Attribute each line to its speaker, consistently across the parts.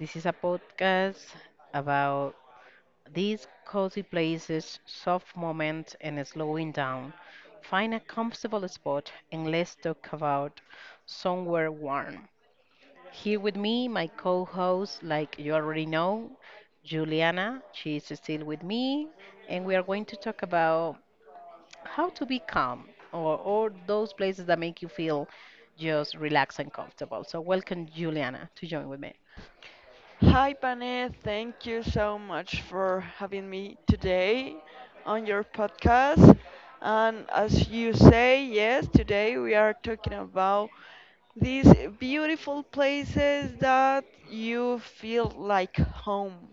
Speaker 1: This is a podcast about these cozy places, soft moments, and slowing down. Find a comfortable spot and let's talk about somewhere warm. Here with me, my co host, like you already know, Juliana. She is still with me, and we are going to talk about how to be calm or those places that make you feel just relaxed and comfortable. So welcome Juliana to join with me.
Speaker 2: Hi, Pane. Thank you so much for having me today on your podcast. And as you say, yes, today we are talking about these beautiful places that you feel like home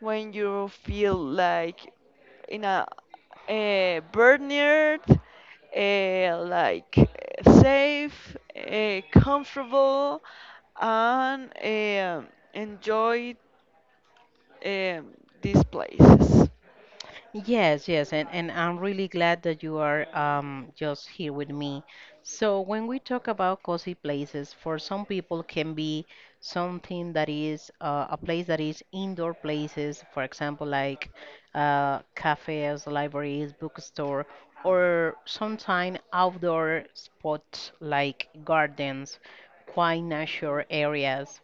Speaker 2: when you feel like in a burnout, like safe, comfortable, and enjoy um, these places.
Speaker 1: Yes, yes, and I'm really glad that you are just here with me. So when we talk about cozy places, for some people can be something that is a place that is indoor places, for example, like cafes, libraries, bookstore, or sometimes outdoor spots like gardens, quiet nature areas.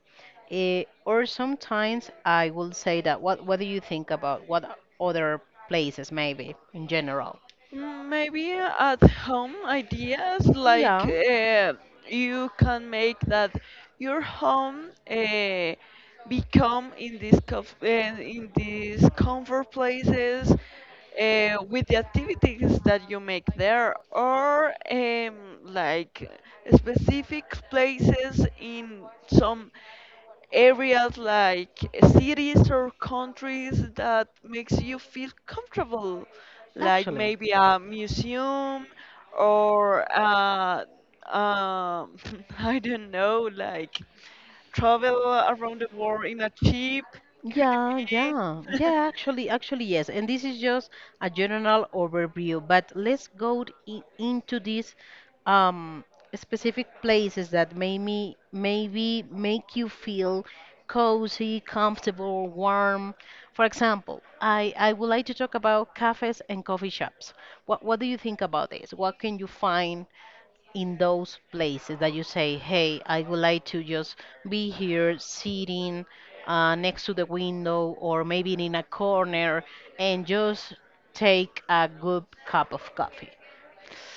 Speaker 1: Eh, or sometimes I will say that what do you think about what other places maybe in general?
Speaker 2: Maybe at home ideas like
Speaker 1: Yeah.
Speaker 2: you can make that your home become in these in these comfort places with the activities that you make there or like specific places in some areas like cities or countries that makes you feel comfortable like
Speaker 1: Actually.
Speaker 2: maybe a museum or um, I don't know, like travel around the world in a cheap, could it
Speaker 1: Yeah, yeah,
Speaker 2: be?
Speaker 1: yeah, actually, actually, yes. And this is just a general overview, but let's go into these um, specific places that maybe make you feel cozy, comfortable, warm. For example, I would like to talk about cafes and coffee shops. What do you think about this? What can you find in those places that you say, hey, I would like to just be here sitting next to the window or maybe in a corner and just take a good cup of coffee.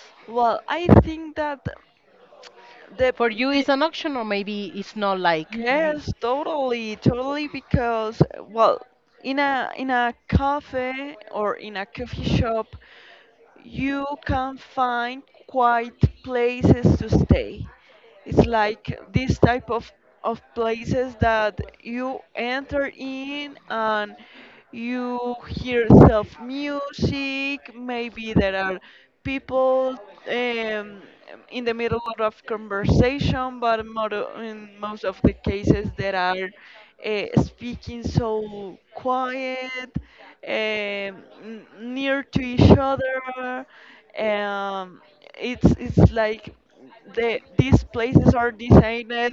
Speaker 2: Well, I think that the,
Speaker 1: For you,
Speaker 2: the
Speaker 1: it's an option, or maybe it's not like you.
Speaker 2: yes, totally, totally, because well, in a cafe or in a coffee shop, you can find quiet places to stay. It's like this type of places that you enter in and you hear self music. Maybe there are people um, in the middle of conversation, but more, in most of the cases there are speaking so quiet, near to each other. Um, it's like the these places are designed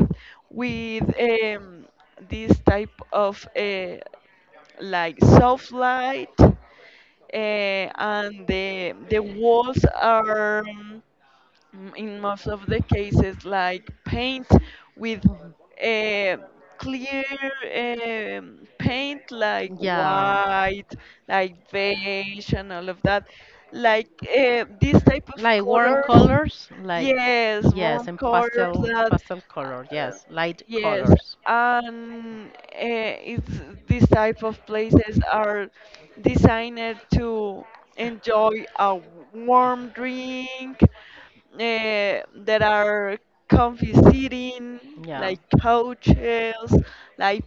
Speaker 2: with this type of like soft light uh, and the walls are in most of the cases like paint with uh, clear paint like
Speaker 1: Yeah.
Speaker 2: white, like beige and all of that, like these type of
Speaker 1: Like warm
Speaker 2: colors.
Speaker 1: colors, like
Speaker 2: Yes,
Speaker 1: yes,
Speaker 2: warm
Speaker 1: and
Speaker 2: colors
Speaker 1: pastel
Speaker 2: that,
Speaker 1: pastel color,
Speaker 2: uh,
Speaker 1: yes, light
Speaker 2: yes,
Speaker 1: colors.
Speaker 2: and it's these type of places are designed to enjoy a warm drink. There are comfy seating,
Speaker 1: Yeah.
Speaker 2: like couches, like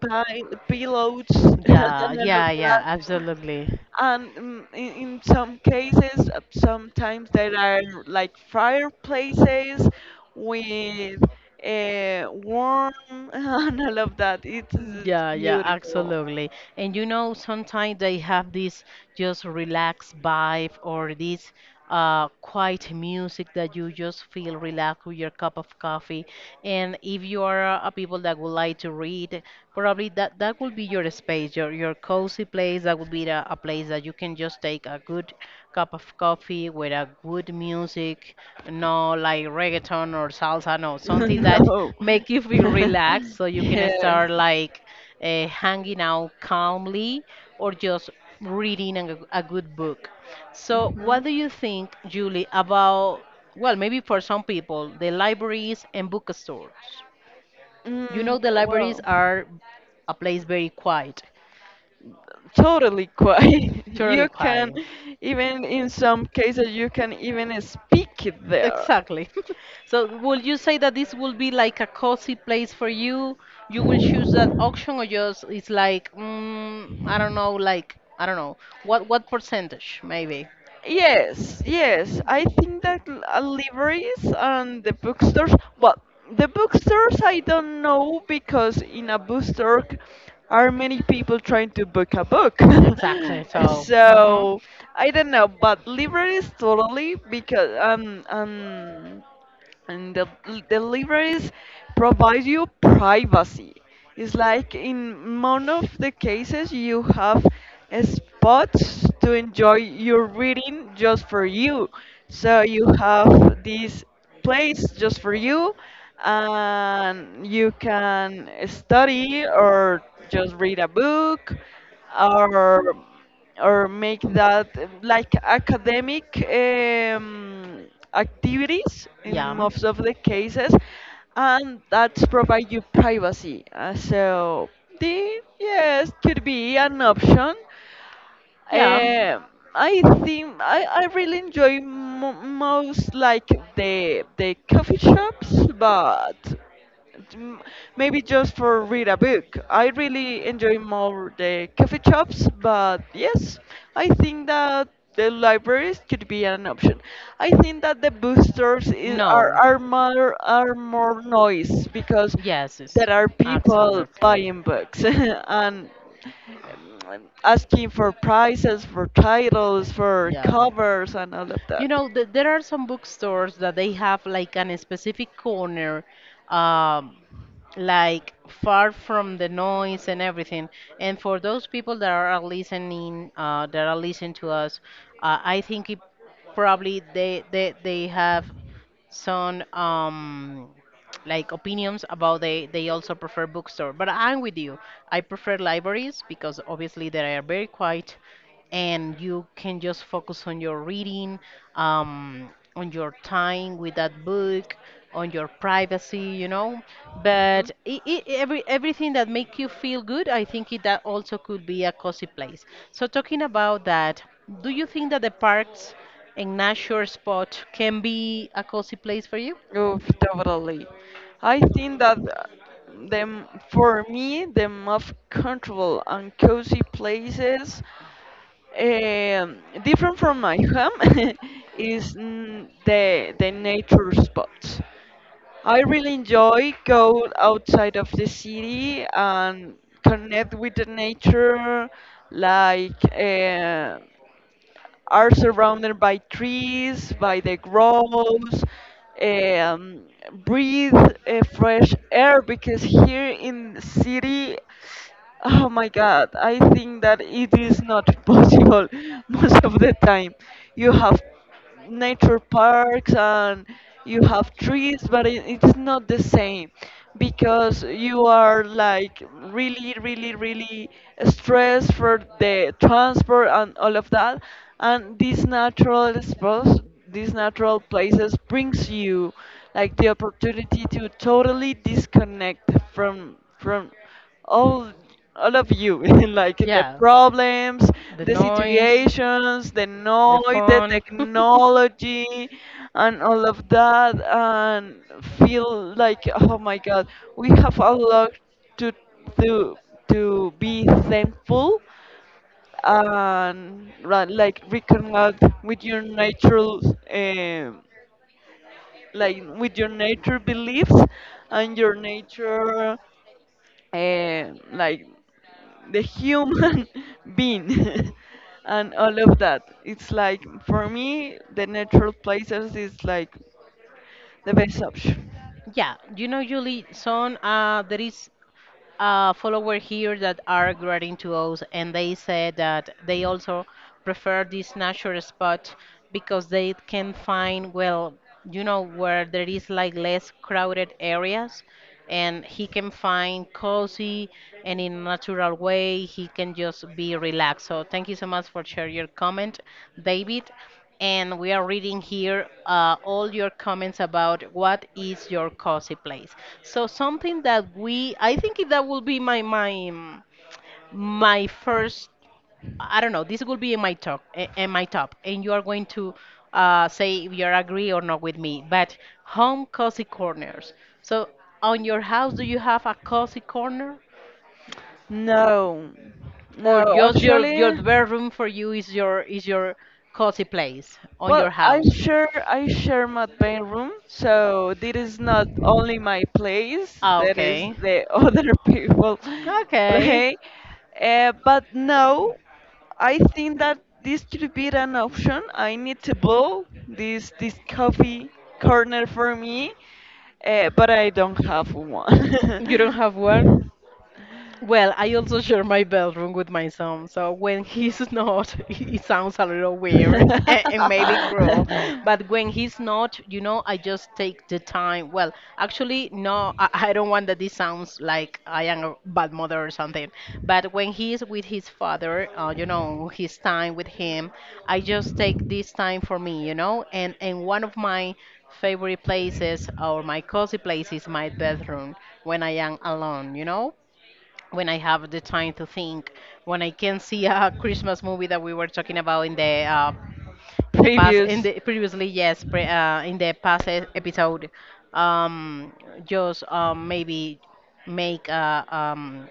Speaker 2: pi- pillows, and
Speaker 1: Yeah,
Speaker 2: all of
Speaker 1: yeah, yeah,
Speaker 2: that
Speaker 1: absolutely.
Speaker 2: and in some cases sometimes there are like fireplaces with warm and all of that, it's
Speaker 1: Yeah, yeah,
Speaker 2: beautiful.
Speaker 1: absolutely. And you know, sometimes they have this just relaxed vibe or this quiet music that you just feel relaxed with your cup of coffee. And if you are a people that would like to read, probably that will be your space, your cozy place. That would be a place that you can just take a good cup of coffee with a good music, no like reggaeton or salsa, no something that
Speaker 2: No.
Speaker 1: make you feel relaxed, so you can
Speaker 2: Yes.
Speaker 1: start like hanging out calmly or just reading a good book. So, what do
Speaker 2: Mhm.
Speaker 1: you think, Julie, about, well, maybe for some people, the libraries and bookstores? You
Speaker 2: Mm,
Speaker 1: know, the libraries
Speaker 2: well,
Speaker 1: are a place very quiet,
Speaker 2: totally quiet.
Speaker 1: totally
Speaker 2: You can,
Speaker 1: quiet.
Speaker 2: even in some cases, you can even speak there.
Speaker 1: Exactly. So, would you say that this will be like a cozy place for you? You will choose that option, or just it's like, mm, I don't know, like I don't know, what percentage maybe?
Speaker 2: Yes, yes. I think that libraries and the bookstores, well, the bookstores I don't know, because in a bookstore are many people trying to book a book.
Speaker 1: Exactly.
Speaker 2: So I don't know, but libraries totally, because
Speaker 1: um,
Speaker 2: and the libraries provide you privacy. It's like in none of the cases you have spots to enjoy your reading just for you. So you have this place just for you, and you can study or just read a book or or make that like academic activities in
Speaker 1: yeah,
Speaker 2: most of the cases, and that provide you privacy. So the yes could be an option.
Speaker 1: yeah. I
Speaker 2: Eh, I think I really enjoy mo most like the coffee shops, but m- maybe just for read a book. I really enjoy more the coffee shops, but yes, I think that the libraries could be an option. I think that the bookstores is, are more, are more noise, because there are people buying books and
Speaker 1: and
Speaker 2: asking for prices, for titles, for
Speaker 1: Yeah.
Speaker 2: covers, and all of
Speaker 1: You
Speaker 2: that.
Speaker 1: know, th there are some bookstores that they have like an specific corner, um, like far from the noise and everything. And for those people that are listening to us, I think it probably they have some like opinions about they also prefer bookstore, but I'm with you. I prefer libraries because obviously they are very quiet and you can just focus on your reading, um on your time with that book, on your privacy, you know, but
Speaker 2: Mhm.
Speaker 1: I every everything that make you feel good, I think it, that also could be a cozy place. So talking about that, do you think that the parks and nature spot can be a cozy place for you?
Speaker 2: Oof, totally. I think that the for me the most comfortable and cozy places um, different from my home is the nature spots. I really enjoy go outside of the city and connect with the nature. Like are surrounded by trees, by the groves. Um, Breathe fresh air, because here in city, oh my God, I think that it is not possible most of the time. You have nature parks and you have trees, but it is not the same because you are like really, really, really stressed for the transport and all of that. And these natural spots, these natural places brings you like the opportunity to totally disconnect from all all of you like the
Speaker 1: Yeah,
Speaker 2: problems,
Speaker 1: the
Speaker 2: the
Speaker 1: noise,
Speaker 2: situations, the
Speaker 1: the
Speaker 2: noise, the
Speaker 1: phone.
Speaker 2: technology and all of that, and feel like oh my god, we have a lot to to to be thankful, and like reconnect with your natural um, like with your nature beliefs and your nature like the human being and all of that. It's like for me, the natural places is like the best option.
Speaker 1: Yeah, you know, Julie, son, there is follower here that are grading to us, and they said that they also prefer this natural spot because they can find, well, you know, where there is like less crowded areas, and he can find cozy and in a natural way he can just be relaxed. So thank you so much for share your comment, David, and we are reading here all your comments about what is your cozy place. So something that I think that will be my my first. I don't know. This will be in my top, eh, in my top, and you are going to say if you agree or not with me. But home cozy corners. So on your house, do you have a cozy corner,
Speaker 2: No,
Speaker 1: or
Speaker 2: no,
Speaker 1: just your
Speaker 2: actually,
Speaker 1: bedroom for you is your cozy place on
Speaker 2: well,
Speaker 1: your
Speaker 2: I
Speaker 1: house?
Speaker 2: share I share my bedroom, so this is not only my place.
Speaker 1: Ah,
Speaker 2: That is
Speaker 1: okay.
Speaker 2: the other people
Speaker 1: Okay.
Speaker 2: play. But no. I think that this could be an option. I need to build this coffee corner for me, but I don't have
Speaker 1: You don't have one? Well, I also share my bedroom with my son, so when he's not, it sounds a little weird and maybe cruel. But when he's not, you know, I just take the time. Well, actually,
Speaker 2: one.
Speaker 1: no, I don't want that this sounds like I am a bad mother or something. But when he's with his father, you know, his time with him, I just take this time for me, you know. And one of my favorite places or my cozy place is my bedroom when I am alone, you know, when I have the time to think, when I can see a Christmas movie that we were talking about in the past, in
Speaker 2: Previous,
Speaker 1: the previously, yes, in the past episode, um, just maybe make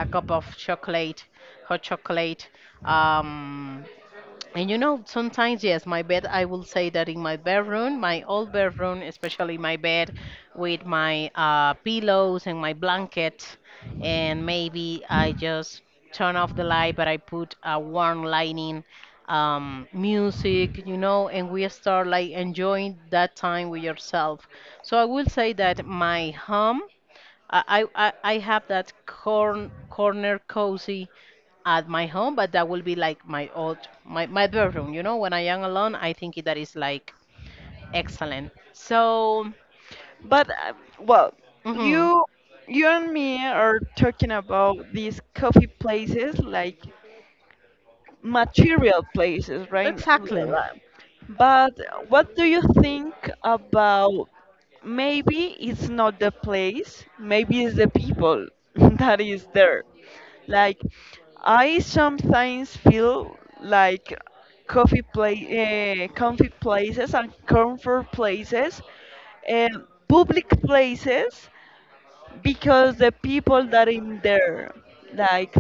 Speaker 1: a cup of chocolate, hot chocolate. Um, and you know, sometimes, yes, my bed, I will say that in my bedroom, my old bedroom, especially my bed with my pillows and my blanket, and maybe I just turn off the light, but I put a warm lighting, music, you know, and we start like enjoying that time with yourself. So I will say that my home I have that corner cozy at my home, but that will be like my old my bedroom. You know, when I am alone, I think that is like excellent. So,
Speaker 2: but well,
Speaker 1: mhm,
Speaker 2: you you and me are talking about these coffee places like material places, right?
Speaker 1: exactly.
Speaker 2: But what do you think about, maybe it's not the place, maybe it's the people that is there. Like I sometimes feel like coffee place, comfy places and comfort places and public places because the people that in there, like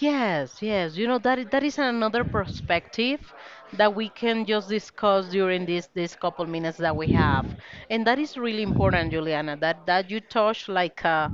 Speaker 1: Yes, yes. You know that that is another perspective that we can just discuss during this couple minutes that we have, and that is really important, Juliana. That you touch like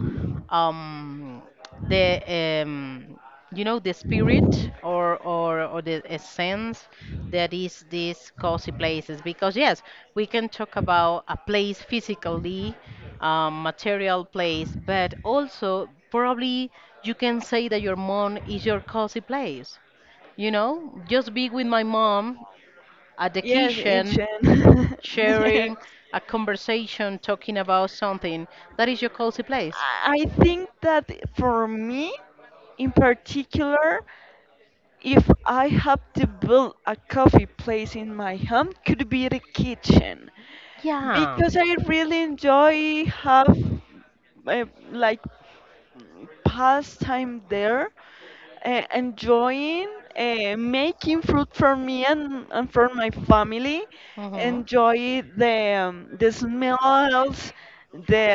Speaker 1: um the you know the spirit or the essence that is these cozy places, because yes, we can talk about a place physically, material place, but also probably you can say that your mom is your cozy place. You know, just be with my mom at the
Speaker 2: yes,
Speaker 1: kitchen,
Speaker 2: ancient. Yes.
Speaker 1: sharing a conversation, talking about something. That is your cozy place.
Speaker 2: I think that for me, in particular, if I have to build a coffee place in my home, could be the kitchen.
Speaker 1: Yeah.
Speaker 2: Because I really enjoy have uh, like pastime there, enjoying making fruit for me and for my family,
Speaker 1: Hmm.
Speaker 2: enjoy the smells, the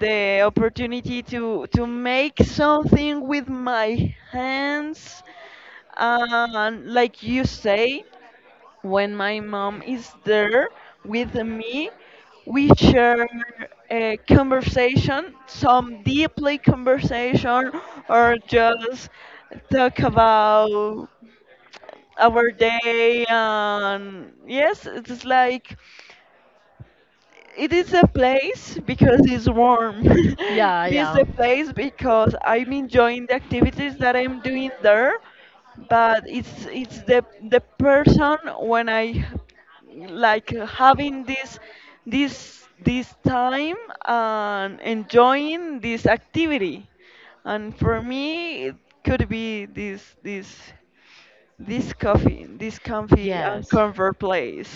Speaker 2: the opportunity to make something with my hands, and like you say, when my mom is there with me, we share a conversation, some deeply conversation, or just talk about our day. And yes, it's like it is a place because it's warm.
Speaker 1: Yeah,
Speaker 2: It is
Speaker 1: yeah.
Speaker 2: a place because I'm enjoying the activities that I'm doing there, but it's the person when I like having this time and enjoying this activity. And for me, it could be this coffee, this comfy and
Speaker 1: Yes.
Speaker 2: comfort place.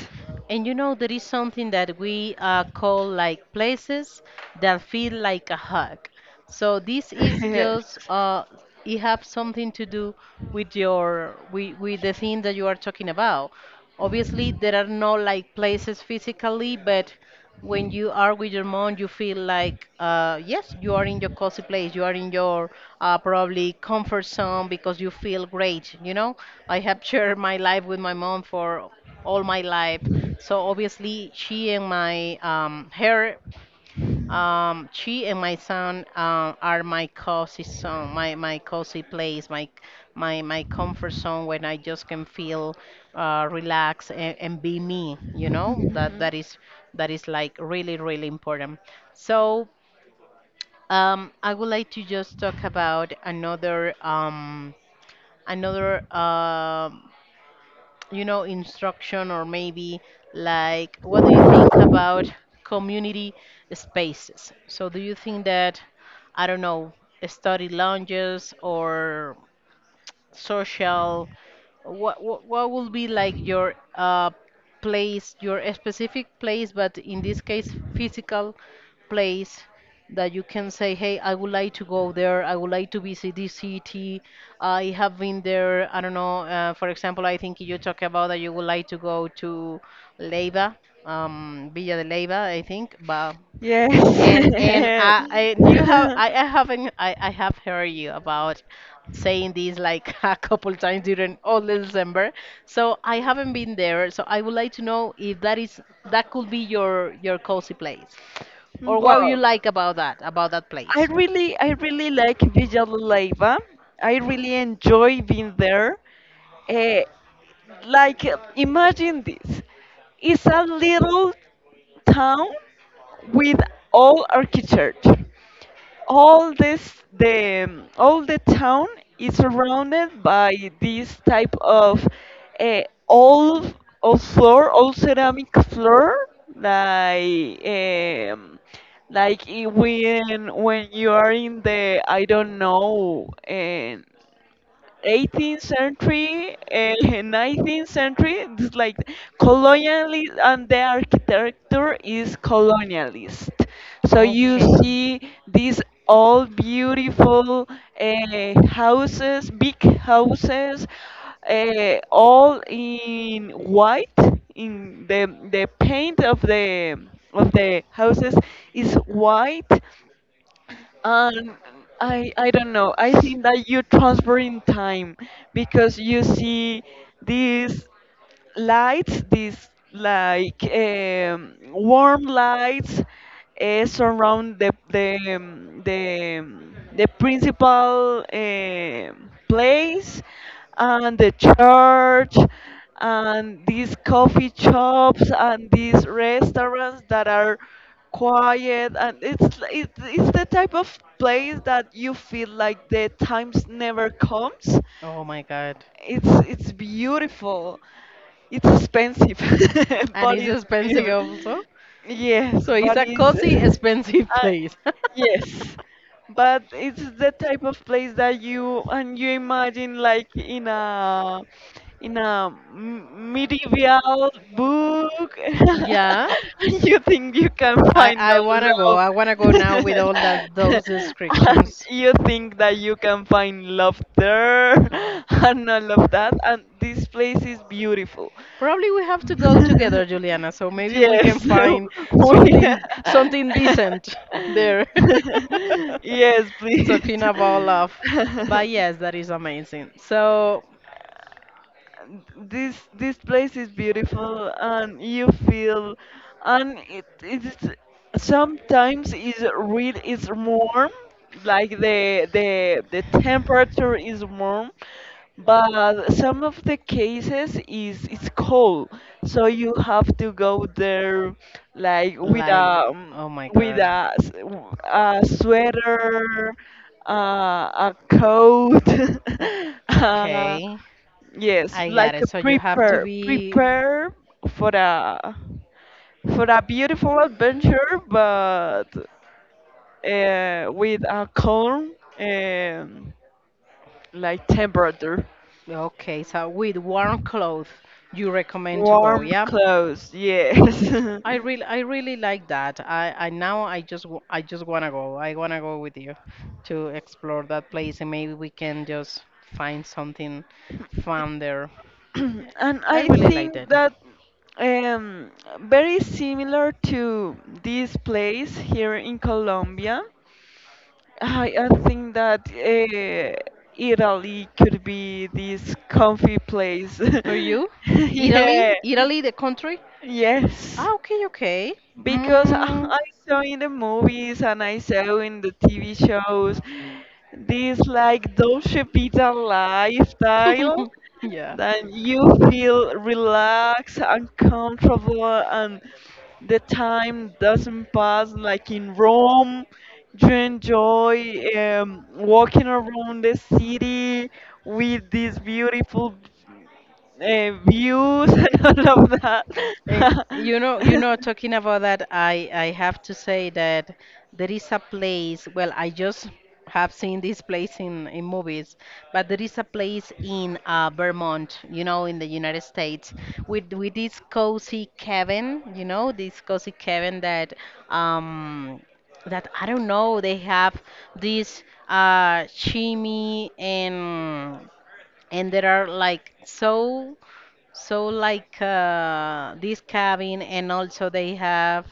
Speaker 1: And you know, there is something that we call like places that feel like a hug. So this is just it have something to do with your with the thing that you are talking about. Obviously, there are no like places physically, but when you are with your mom, you feel like yes, you are in your cozy place, you are in your probably comfort zone because you feel great. You know, I have shared my life with my mom for all my life. So obviously, she and my
Speaker 2: Yes. Mhm.
Speaker 1: she and my son are my cozy zone, my cozy place, my comfort zone, when I just can feel relaxed and be me. You know that that is like really really important. So I would like to just talk about another another um you know, instruction or maybe like what do you think about community spaces? So do you think that, I don't know, study lounges or social what will be like your place, your specific place, but in this case physical place, that you can say, hey, I would like to go there, I would like to visit this city, I have been there, I don't know, for example, I think you talk about that you would like to go to Leyva, Villa de Leyva, I think. But and and
Speaker 2: Yes.
Speaker 1: I and you have I, I haven't I have heard you about saying this like a couple times during all December. So I haven't been there. So I would like to know if that is that could be your cozy place, or what you
Speaker 2: Well,
Speaker 1: like about that place.
Speaker 2: I really like Villanueva. I really enjoy being there. Eh, like, imagine this. It's a little town with all architecture. All this, the all the town is surrounded by this type of uh, old old floor, old ceramic floor, like um, like when you are in the I don't know and 18th century, 19th century, it's like colonialist, and the architecture is colonialist. So you
Speaker 1: Okay.
Speaker 2: see these all beautiful houses, big houses, all in white. In the paint of the houses is white, um, I don't know. I think that you transfer in time because you see these lights, these like warm lights surround the principal place and the church and these coffee shops and these restaurants that are quiet, and it's it's the type of place that you feel like the times never comes.
Speaker 1: Oh my God.
Speaker 2: It's beautiful. It's expensive,
Speaker 1: And
Speaker 2: but
Speaker 1: it's
Speaker 2: it's
Speaker 1: expensive
Speaker 2: beautiful.
Speaker 1: also.
Speaker 2: Yes,
Speaker 1: So it's
Speaker 2: but
Speaker 1: a cozy,
Speaker 2: it's
Speaker 1: expensive
Speaker 2: I,
Speaker 1: place.
Speaker 2: yes, but it's the type of place that you and you imagine like in a medieval book
Speaker 1: Yeah,
Speaker 2: and you think you can
Speaker 1: I
Speaker 2: find
Speaker 1: I
Speaker 2: the
Speaker 1: wanna go.
Speaker 2: love
Speaker 1: I wanna go now with all that those
Speaker 2: and
Speaker 1: descriptions.
Speaker 2: you think that you can find love there and all of that, and this place is beautiful.
Speaker 1: Probably we have to go together, Juliana, so maybe we can
Speaker 2: Yes.
Speaker 1: find
Speaker 2: We
Speaker 1: something decent there.
Speaker 2: yes, please.
Speaker 1: Talking about love. But yes, that is amazing. So
Speaker 2: And this place is beautiful, and you feel, and it is sometimes is real. It's warm, like the temperature is warm, but some of the cases is it's cold, so you have to go there like
Speaker 1: like oh my
Speaker 2: with
Speaker 1: god.
Speaker 2: a, a sweater a coat. uh,
Speaker 1: Okay.
Speaker 2: Yes,
Speaker 1: I
Speaker 2: like
Speaker 1: got it.
Speaker 2: a
Speaker 1: So you have to
Speaker 2: prepare
Speaker 1: be
Speaker 2: prepare for a for a beautiful adventure, but with a calm um, like temperature,
Speaker 1: okay, so with warm clothes you recommend to go,
Speaker 2: warm
Speaker 1: yeah?
Speaker 2: clothes. Yes,
Speaker 1: I really like that. I now I just, w- I just wanna go. I wanna go with you to explore that place, and maybe we can just find something fun there. Eh,
Speaker 2: and
Speaker 1: I
Speaker 2: I
Speaker 1: really like
Speaker 2: think
Speaker 1: that.
Speaker 2: that um, very similar to this place here in Colombia. I think that Italy could be this comfy place.
Speaker 1: For you,
Speaker 2: Yeah,
Speaker 1: Italy, the country.
Speaker 2: yes.
Speaker 1: Ah, okay, okay.
Speaker 2: Because I
Speaker 1: Mm.
Speaker 2: I saw in the movies and I saw in the TV shows this like Dolce Vita lifestyle
Speaker 1: yeah.
Speaker 2: that you feel relaxed and comfortable and the time doesn't pass, like in Rome. You enjoy walking around the city with these beautiful views and all of that.
Speaker 1: Eh, Talking about that, I have to say that there is a place. Well, I just have seen this place in movies, but there is a place in Vermont, you know, in the United States, with this cozy cabin, you know, this cozy cabin that um I don't know, they have this chimney and there are like so. So like uh, this cabin, and also they have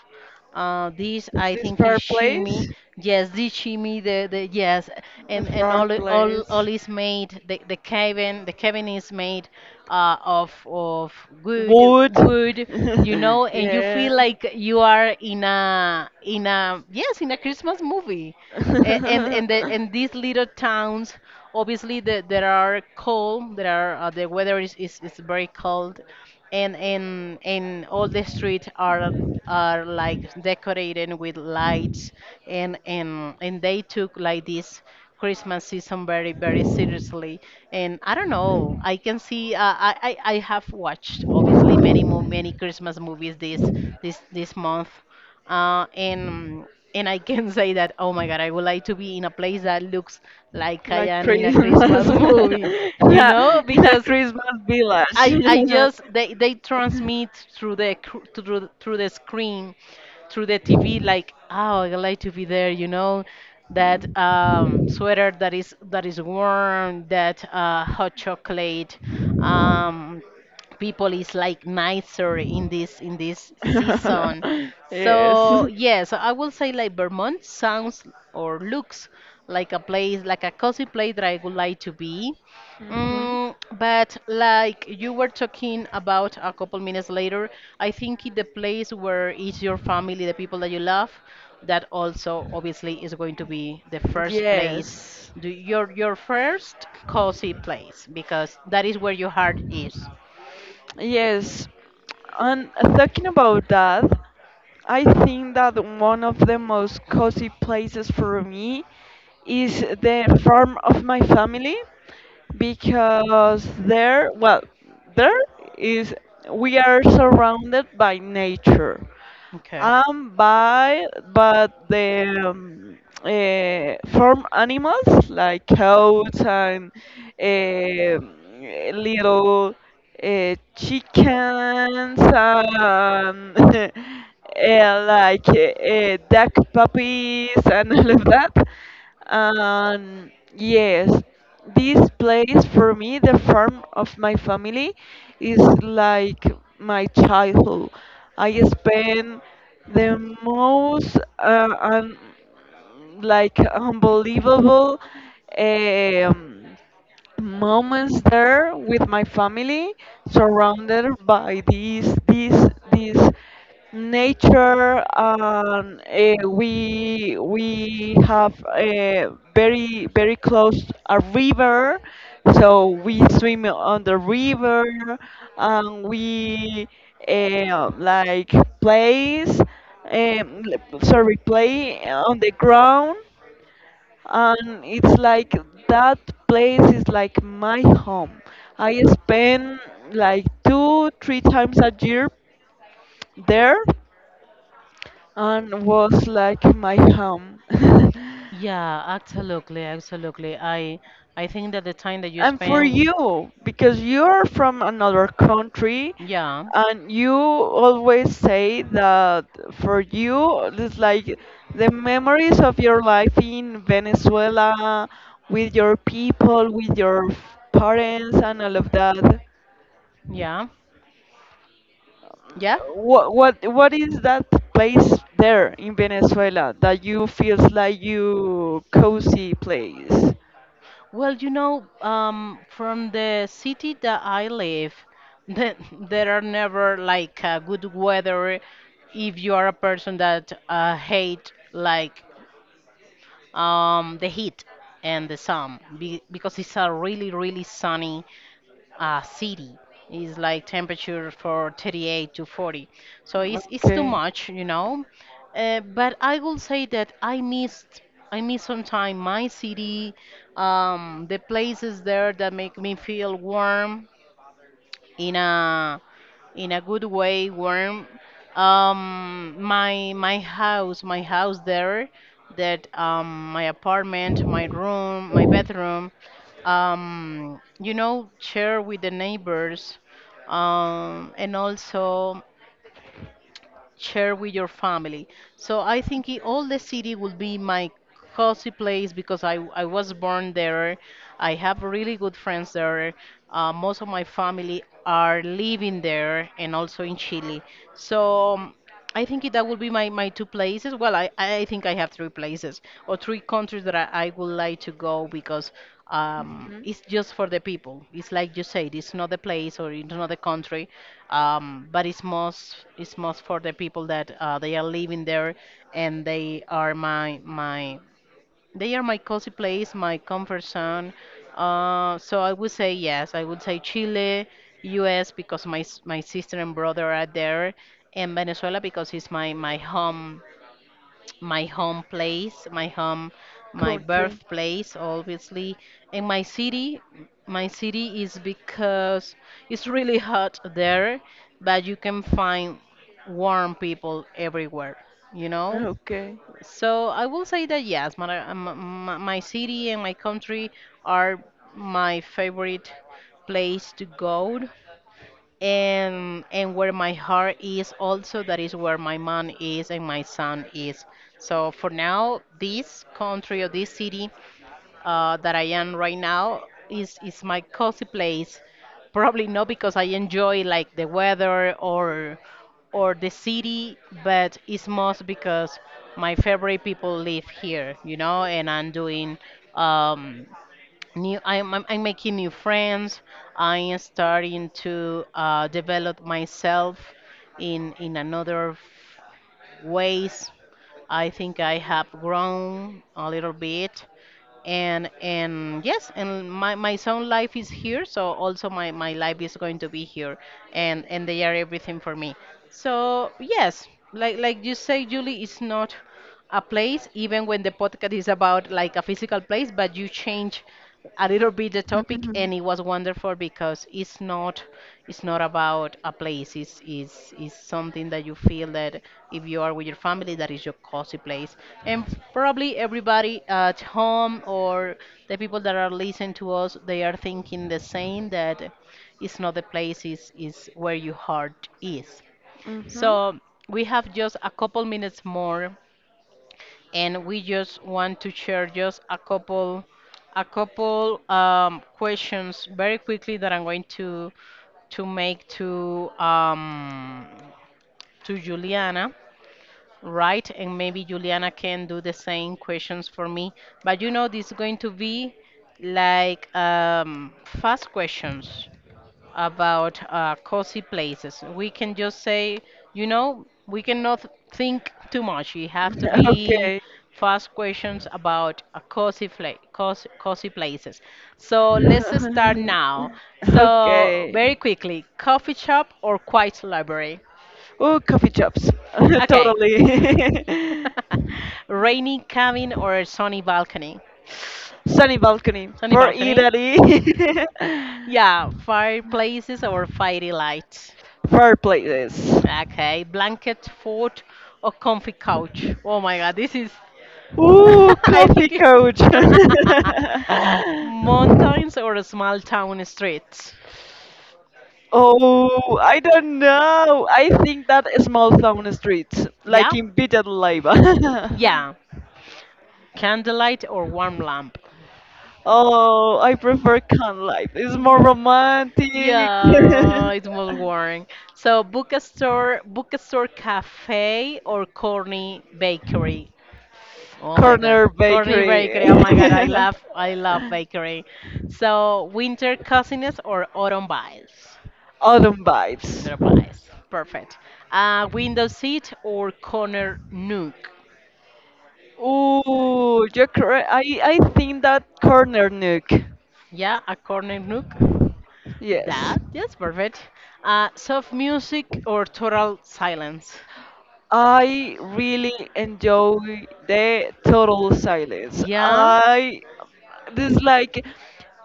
Speaker 1: this, I
Speaker 2: This
Speaker 1: think, is shimi.
Speaker 2: fireplace,
Speaker 1: Yes, this shimi, the yes,
Speaker 2: the
Speaker 1: and
Speaker 2: fireplace,
Speaker 1: all is made, the cabin, the cabin is made of wood,
Speaker 2: wood.
Speaker 1: wood you know, and you
Speaker 2: Yeah.
Speaker 1: feel like you are in a yes, in a Christmas movie. And these little towns, obviously there are cold. There are the weather is very cold, and all the streets are like decorated with lights, and and and they took like this Christmas season very seriously. And I don't know, I can see. I have watched, obviously, many mo many Christmas movies this month, uh, and and I can say that, oh my God, I would like to be in a place that looks like I
Speaker 2: Like
Speaker 1: am in a
Speaker 2: Christmas
Speaker 1: Christmas movie, you know,
Speaker 2: in a
Speaker 1: because
Speaker 2: Christmas
Speaker 1: I
Speaker 2: village.
Speaker 1: just they transmit through the through the screen, through the TV. Like, oh, I like to be there. You know, that sweater that is warm, that hot chocolate. Um, people is like nicer in this season.
Speaker 2: Yes.
Speaker 1: So yes, I will say like Vermont sounds or looks like a place, like a cozy place, that I would like to be.
Speaker 2: Mhm.
Speaker 1: Mm, but like you were talking about a couple minutes later, I think in the place where is your family, the people that you love, that also obviously is going to be the first place,
Speaker 2: Yes.
Speaker 1: your first cozy place, because that is where your heart is.
Speaker 2: Yes. And talking about that, I think that one of the most cozy places for me is the farm of my family, because there, well, there is we are surrounded by nature.
Speaker 1: Okay.
Speaker 2: By but the farm animals like cows and eh, little chickens and uh, like duck puppies and all of that. Yes, this place for me, the farm of my family, is like my childhood. I spend the most like unbelievable um, moments there with my family, surrounded by this this nature, and we have a very very close a river, so we swim on the river, and we like plays. Sorry, play on the ground, and it's like that place is like my home. I spend like two, three times a year there, and was like my home.
Speaker 1: Yeah, absolutely, absolutely. I think that the time that you
Speaker 2: And for
Speaker 1: spend.
Speaker 2: you, because you are from another country,
Speaker 1: Yeah.
Speaker 2: and you always say that for you, it's like the memories of your life in Venezuela with your people, with your parents, and all of that.
Speaker 1: Yeah. Yeah.
Speaker 2: Yep. What is that place there in Venezuela that you feels like you cozy place?
Speaker 1: Well, you know, from the city that I live, the, there are never like good weather if you are a person that hate like the heat and the sun, be because it's a really sunny city, is like temperature for 38 to 40, so it's too
Speaker 2: Okay.
Speaker 1: much, you know, but I will say that I missed I miss sometimes my city. The places there that make me feel warm in a good way, warm. My my house, my house there, that, my apartment, my room, my bedroom. You know, share with the neighbors, and also share with your family. So I think all the city will be my cozy place, because I was born there. I have really good friends there. Most of my family are living there and also in Chile. So, I think that will be my two places. Well, I think I have three places or three countries that I would like to go, because, it's just for the people. It's like you said, it's not the place or it's not the country, but it's most, it's most for the people that, they are living there, and they are my my they are my cozy place, my comfort zone. So I would say yes. I would say Chile, U.S., because my sister and brother are there, and Venezuela, because it's my home place, my home, my
Speaker 2: Country.
Speaker 1: birthplace, obviously. And my city is, because it's really hot there, but you can find warm people everywhere. You know,
Speaker 2: Okay.
Speaker 1: so I will say that, yes, my city and my country are my favorite place to go, and where my heart is, also that is where my mind is and my son is. So for now, this country or this city, that I am right now, is my cozy place. Probably not because I enjoy like the weather or the city, but it's most because my favorite people live here, you know, and I'm doing, um, new. I'm making new friends. I am starting to, develop myself in another ways. I think I have grown a little bit. And yes, and my son life is here, so also my life is going to be here, and they are everything for me. So yes, like you say, Julie, it's not a place, even when the podcast is about like a physical place, but you change a little bit the topic and it was wonderful, because it's not, it's not about a place, it's something that you feel, that if you are with your family, that is your cozy place. And probably everybody at home, or the people that are listening to us, they are thinking the same, that it's not the place, it's where your heart is.
Speaker 2: Mm-hmm.
Speaker 1: So we have just a couple minutes more, and we just want to share just a couple, questions very quickly, that I'm going to make to, to Juliana, right? And maybe Juliana can do the same questions for me. But you know, this is going to be like, fast questions about, cozy places. We can just say, you know, we cannot think too much. You have to be
Speaker 2: Okay.
Speaker 1: fast questions about a cozy, cozy, cozy places. So let's start now. So very
Speaker 2: Okay.
Speaker 1: quickly, coffee shop or quiet library?
Speaker 2: Oh, coffee shops.
Speaker 1: Okay.
Speaker 2: Totally.
Speaker 1: Rainy cabin or sunny balcony?
Speaker 2: Sunny balcony
Speaker 1: Sunny
Speaker 2: for
Speaker 1: balcony?
Speaker 2: Italy.
Speaker 1: Yeah, fireplaces or fiery lights?
Speaker 2: Fireplaces.
Speaker 1: Okay, blanket fort or comfy couch. Oh my god, this is.
Speaker 2: Ooh,
Speaker 1: I
Speaker 2: coffee
Speaker 1: think.
Speaker 2: couch.
Speaker 1: Mountains or a small town streets.
Speaker 2: Oh, I don't know. I think that is small town streets, like
Speaker 1: Yeah?
Speaker 2: in Villalba.
Speaker 1: Yeah. Candlelight or warm lamp.
Speaker 2: Oh, I prefer can life. It's more romantic.
Speaker 1: Yeah, it's more boring. So bookstore, bookstore cafe or corny bakery. Oh my god.
Speaker 2: Corner
Speaker 1: Corny
Speaker 2: Bakery.
Speaker 1: bakery. Oh my god, I love bakery. So winter coziness or autumn buys.
Speaker 2: Autumn Vibes.
Speaker 1: Autumn buys. Perfect. Window seat or corner nook.
Speaker 2: Ooh, you're correct. I think that corner nook.
Speaker 1: Yeah, a corner nook.
Speaker 2: Yes.
Speaker 1: That, yes, perfect. Soft music or total silence.
Speaker 2: I really enjoy the total silence.
Speaker 1: Yeah.
Speaker 2: I this like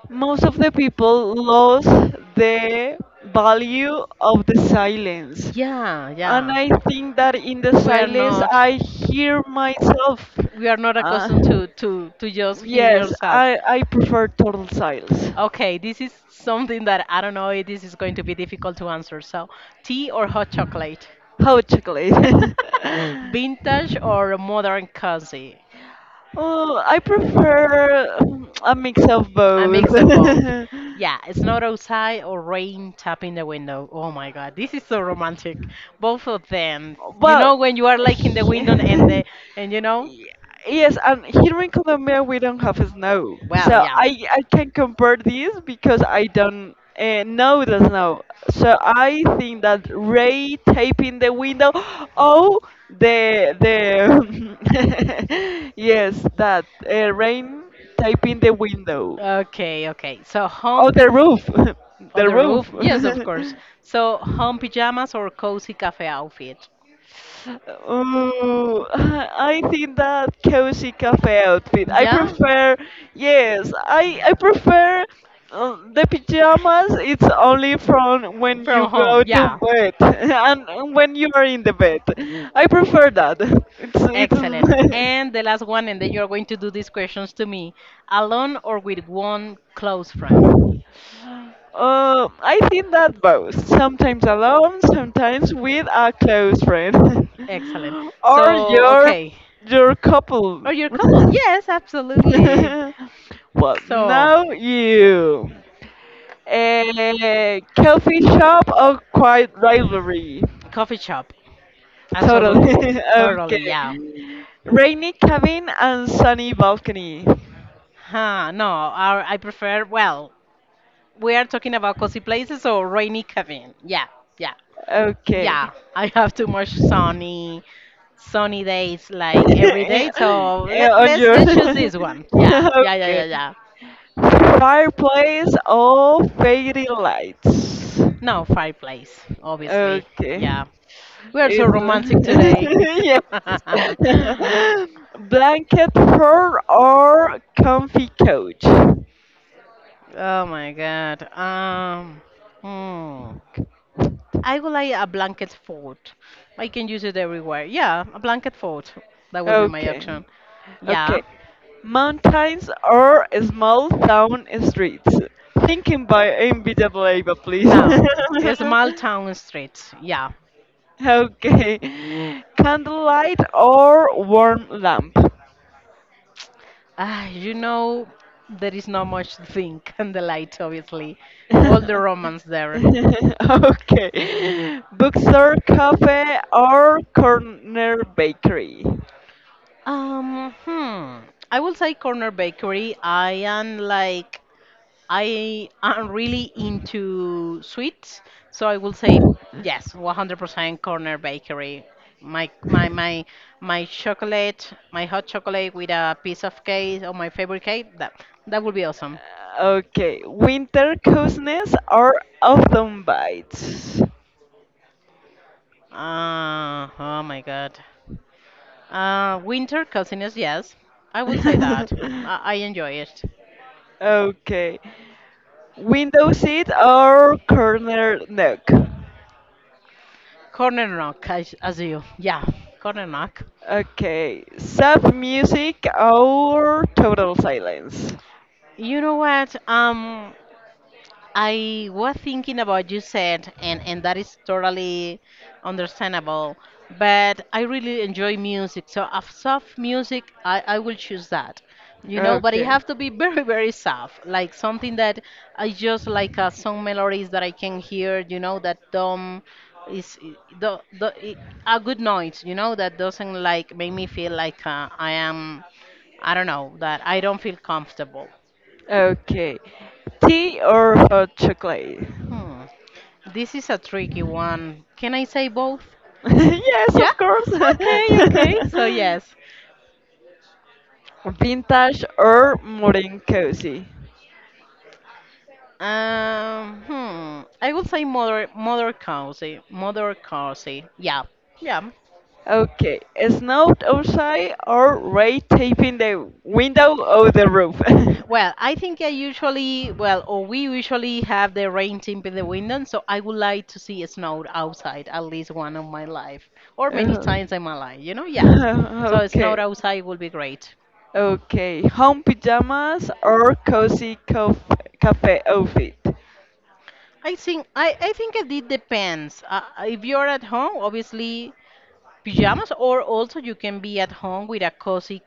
Speaker 2: most of the people lost the value of the silence.
Speaker 1: Yeah,
Speaker 2: And
Speaker 1: yeah.
Speaker 2: I think that in the
Speaker 1: We're
Speaker 2: silence
Speaker 1: not.
Speaker 2: I hear myself.
Speaker 1: We are not
Speaker 2: Uh,
Speaker 1: accustomed to just hear
Speaker 2: yes,
Speaker 1: yourself.
Speaker 2: I prefer total silence.
Speaker 1: Okay, this is something that I don't know if this is going to be difficult to answer. So tea or hot chocolate?
Speaker 2: Hot chocolate.
Speaker 1: Vintage or modern cozy?
Speaker 2: Oh, I prefer a mix of
Speaker 1: A
Speaker 2: both.
Speaker 1: mix of both. Yeah, it's not outside or rain tapping the window. Oh my god, this is so romantic, both of them. You
Speaker 2: Well,
Speaker 1: know, when you are like in the window, and the and you know.
Speaker 2: Ye- Yes, and here in Colombia we don't have snow,
Speaker 1: Well,
Speaker 2: so
Speaker 1: yeah,
Speaker 2: I can compare this because I don't know the snow. So I think that Ray taping the window. Oh, the yes, that rain taping the window.
Speaker 1: okay, okay. So home
Speaker 2: Oh, the roof,
Speaker 1: on
Speaker 2: the
Speaker 1: the roof? Yes, of course.
Speaker 2: roof.
Speaker 1: So home pajamas or cozy cafe outfit?
Speaker 2: Oh, I think that cozy cafe outfit. I
Speaker 1: Yeah,
Speaker 2: prefer, yes, I prefer the pajamas. It's only from when
Speaker 1: from
Speaker 2: you
Speaker 1: home.
Speaker 2: go to
Speaker 1: Yeah.
Speaker 2: bed and when you are in the bed. I prefer that. It's
Speaker 1: Excellent.
Speaker 2: it's.
Speaker 1: And the last one, and then you are going to do these questions to me. Alone or with one close friend?
Speaker 2: my- I think that both. Sometimes alone, sometimes with a close friend.
Speaker 1: Excellent.
Speaker 2: Or
Speaker 1: So,
Speaker 2: your
Speaker 1: okay.
Speaker 2: your couple.
Speaker 1: Are you a couple? Yes, absolutely.
Speaker 2: Well,
Speaker 1: So,
Speaker 2: now you. A coffee shop or quiet rivalry?
Speaker 1: coffee shop.
Speaker 2: Totally.
Speaker 1: Absolutely.
Speaker 2: Okay.
Speaker 1: Totally, yeah.
Speaker 2: Rainy cabin and sunny balcony.
Speaker 1: Huh, no, I prefer, well, we are talking about cozy places, so rainy cabin. Yeah, yeah,
Speaker 2: Okay.
Speaker 1: yeah. I have too much sunny, sunny days like every day. So let,
Speaker 2: On your
Speaker 1: let's choose this one. Yeah, yeah, yeah, yeah,
Speaker 2: okay.
Speaker 1: yeah.
Speaker 2: Fireplace or fairy lights?
Speaker 1: No, fireplace, obviously.
Speaker 2: Okay.
Speaker 1: Yeah, we are so romantic today.
Speaker 2: It's yes. Blanket fur or comfy couch.
Speaker 1: Oh my God. Hmm. I would like a blanket fort. I can use it everywhere. Yeah, a blanket fort. That will be my
Speaker 2: Okay.
Speaker 1: action. Yeah.
Speaker 2: Okay. Mountains or small town streets? Thinking by MBWA, please.
Speaker 1: Now, a small town streets. Yeah.
Speaker 2: Okay. Candlelight or warm lamp?
Speaker 1: Ah, you know, there is not much to think and the light, obviously. All the romance there.
Speaker 2: Okay. Bookstore, cafe, or corner bakery?
Speaker 1: Hmm. I will say corner bakery. I am really into sweets, so I will say yes, 100% Corner Bakery. My my my my chocolate, my hot chocolate with a piece of cake or my favorite cake. That would be awesome.
Speaker 2: Okay. Winter coziness or autumn bites?
Speaker 1: Oh my God. Winter coziness, yes, I will say that. I enjoy it.
Speaker 2: Okay. Window seat or corner nook?
Speaker 1: Corner knock, as you, yeah, corner knock.
Speaker 2: Okay, soft music or total silence?
Speaker 1: You know what? I was thinking about you said, and that is totally understandable, but I really enjoy music. So of soft music, I will choose that. You know, but it
Speaker 2: Okay.
Speaker 1: have to be very, very soft, like something that I just like, some melodies that I can hear, you know, that dumb is the a good noise, you know, that doesn't like make me feel like, I am, I don't know, that I don't feel comfortable.
Speaker 2: Okay. Tea or hot chocolate?
Speaker 1: Hmm. This is a tricky one. Can I say both?
Speaker 2: Yes,
Speaker 1: Yeah?
Speaker 2: of course.
Speaker 1: Okay, okay. So yes.
Speaker 2: Vintage or modern cozy?
Speaker 1: Hmm. I would say mother cozy, mother cozy. Yeah. Yeah.
Speaker 2: Okay, snout outside or ray taping the window or the roof?
Speaker 1: Well, I think I usually, well, or we usually have the rain tip in the window, so I would like to see snow outside at least one of my life, or many
Speaker 2: Uh,
Speaker 1: times in my life, you know, yes. So snow
Speaker 2: okay,
Speaker 1: outside would be great.
Speaker 2: okay. Home pajamas or cozy cafe outfit?
Speaker 1: I think it depends. If you're at home, obviously pajamas, or also you can be at home with a cozy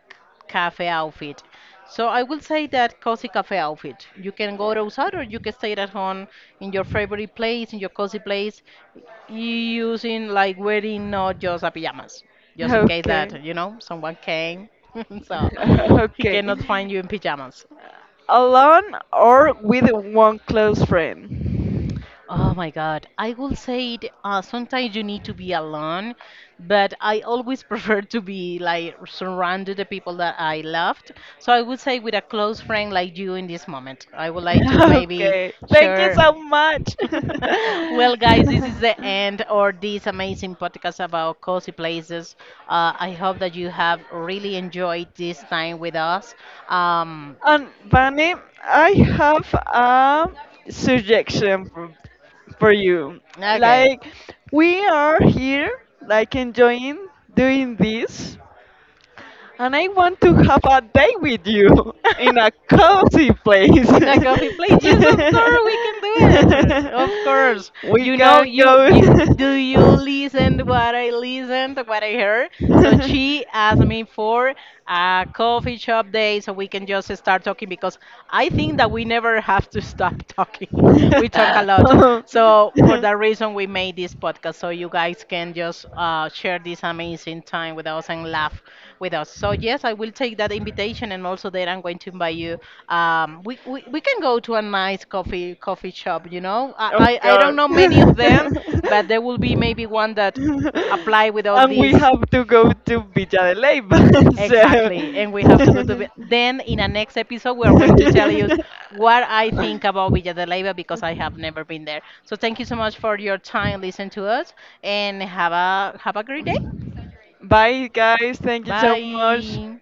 Speaker 1: cafe outfit. So I will say that cozy cafe outfit. You can go outside or you can stay at home in your favorite place, in your cozy place, using like wearing not just a pajamas, just in case
Speaker 2: Okay.
Speaker 1: that you know someone came, so he
Speaker 2: Okay.
Speaker 1: cannot find you in pajamas.
Speaker 2: Alone or with one close friend?
Speaker 1: Oh my God. I will say it, sometimes you need to be alone, but I always prefer to be like surrounded the people that I loved. So I would say with a close friend like you in this moment. I would like to maybe
Speaker 2: Okay. Thank you
Speaker 1: share.
Speaker 2: so much.
Speaker 1: Well, guys, this is the end or this amazing podcast about cozy places. I hope that you have really enjoyed this time with us. Um,
Speaker 2: And Vane, I have a suggestion for you.
Speaker 1: okay.
Speaker 2: Like, we are here, like, enjoying doing this, and I want to have a day with you in a cozy place.
Speaker 1: In a coffee place. Yes, of course we can do it. Of course.
Speaker 2: We
Speaker 1: You know,
Speaker 2: can
Speaker 1: you
Speaker 2: go.
Speaker 1: listen to what I listened, to what I heard? So she asked me for a coffee shop day, so we can just start talking, because I think that we never have to stop talking. We talk a lot. So for that reason we made this podcast, so you guys can just, share this amazing time with us and laugh with us. So yes, I will take that invitation, and also there I'm going to invite you. We can go to a nice coffee shop. You know,
Speaker 2: Of
Speaker 1: I don't
Speaker 2: course.
Speaker 1: know many of them, but there will be maybe one that apply with all
Speaker 2: And we
Speaker 1: these.
Speaker 2: have to go to Villa de Leyva.
Speaker 1: Exactly, and we
Speaker 2: So.
Speaker 1: have to go to. Then in a next episode, we are going to tell you what I think about Villa de Leyva, because I have never been there. So thank you so much for your time, listen to us, and have a great day.
Speaker 2: Bye, guys. Thank you so much.
Speaker 1: Bye.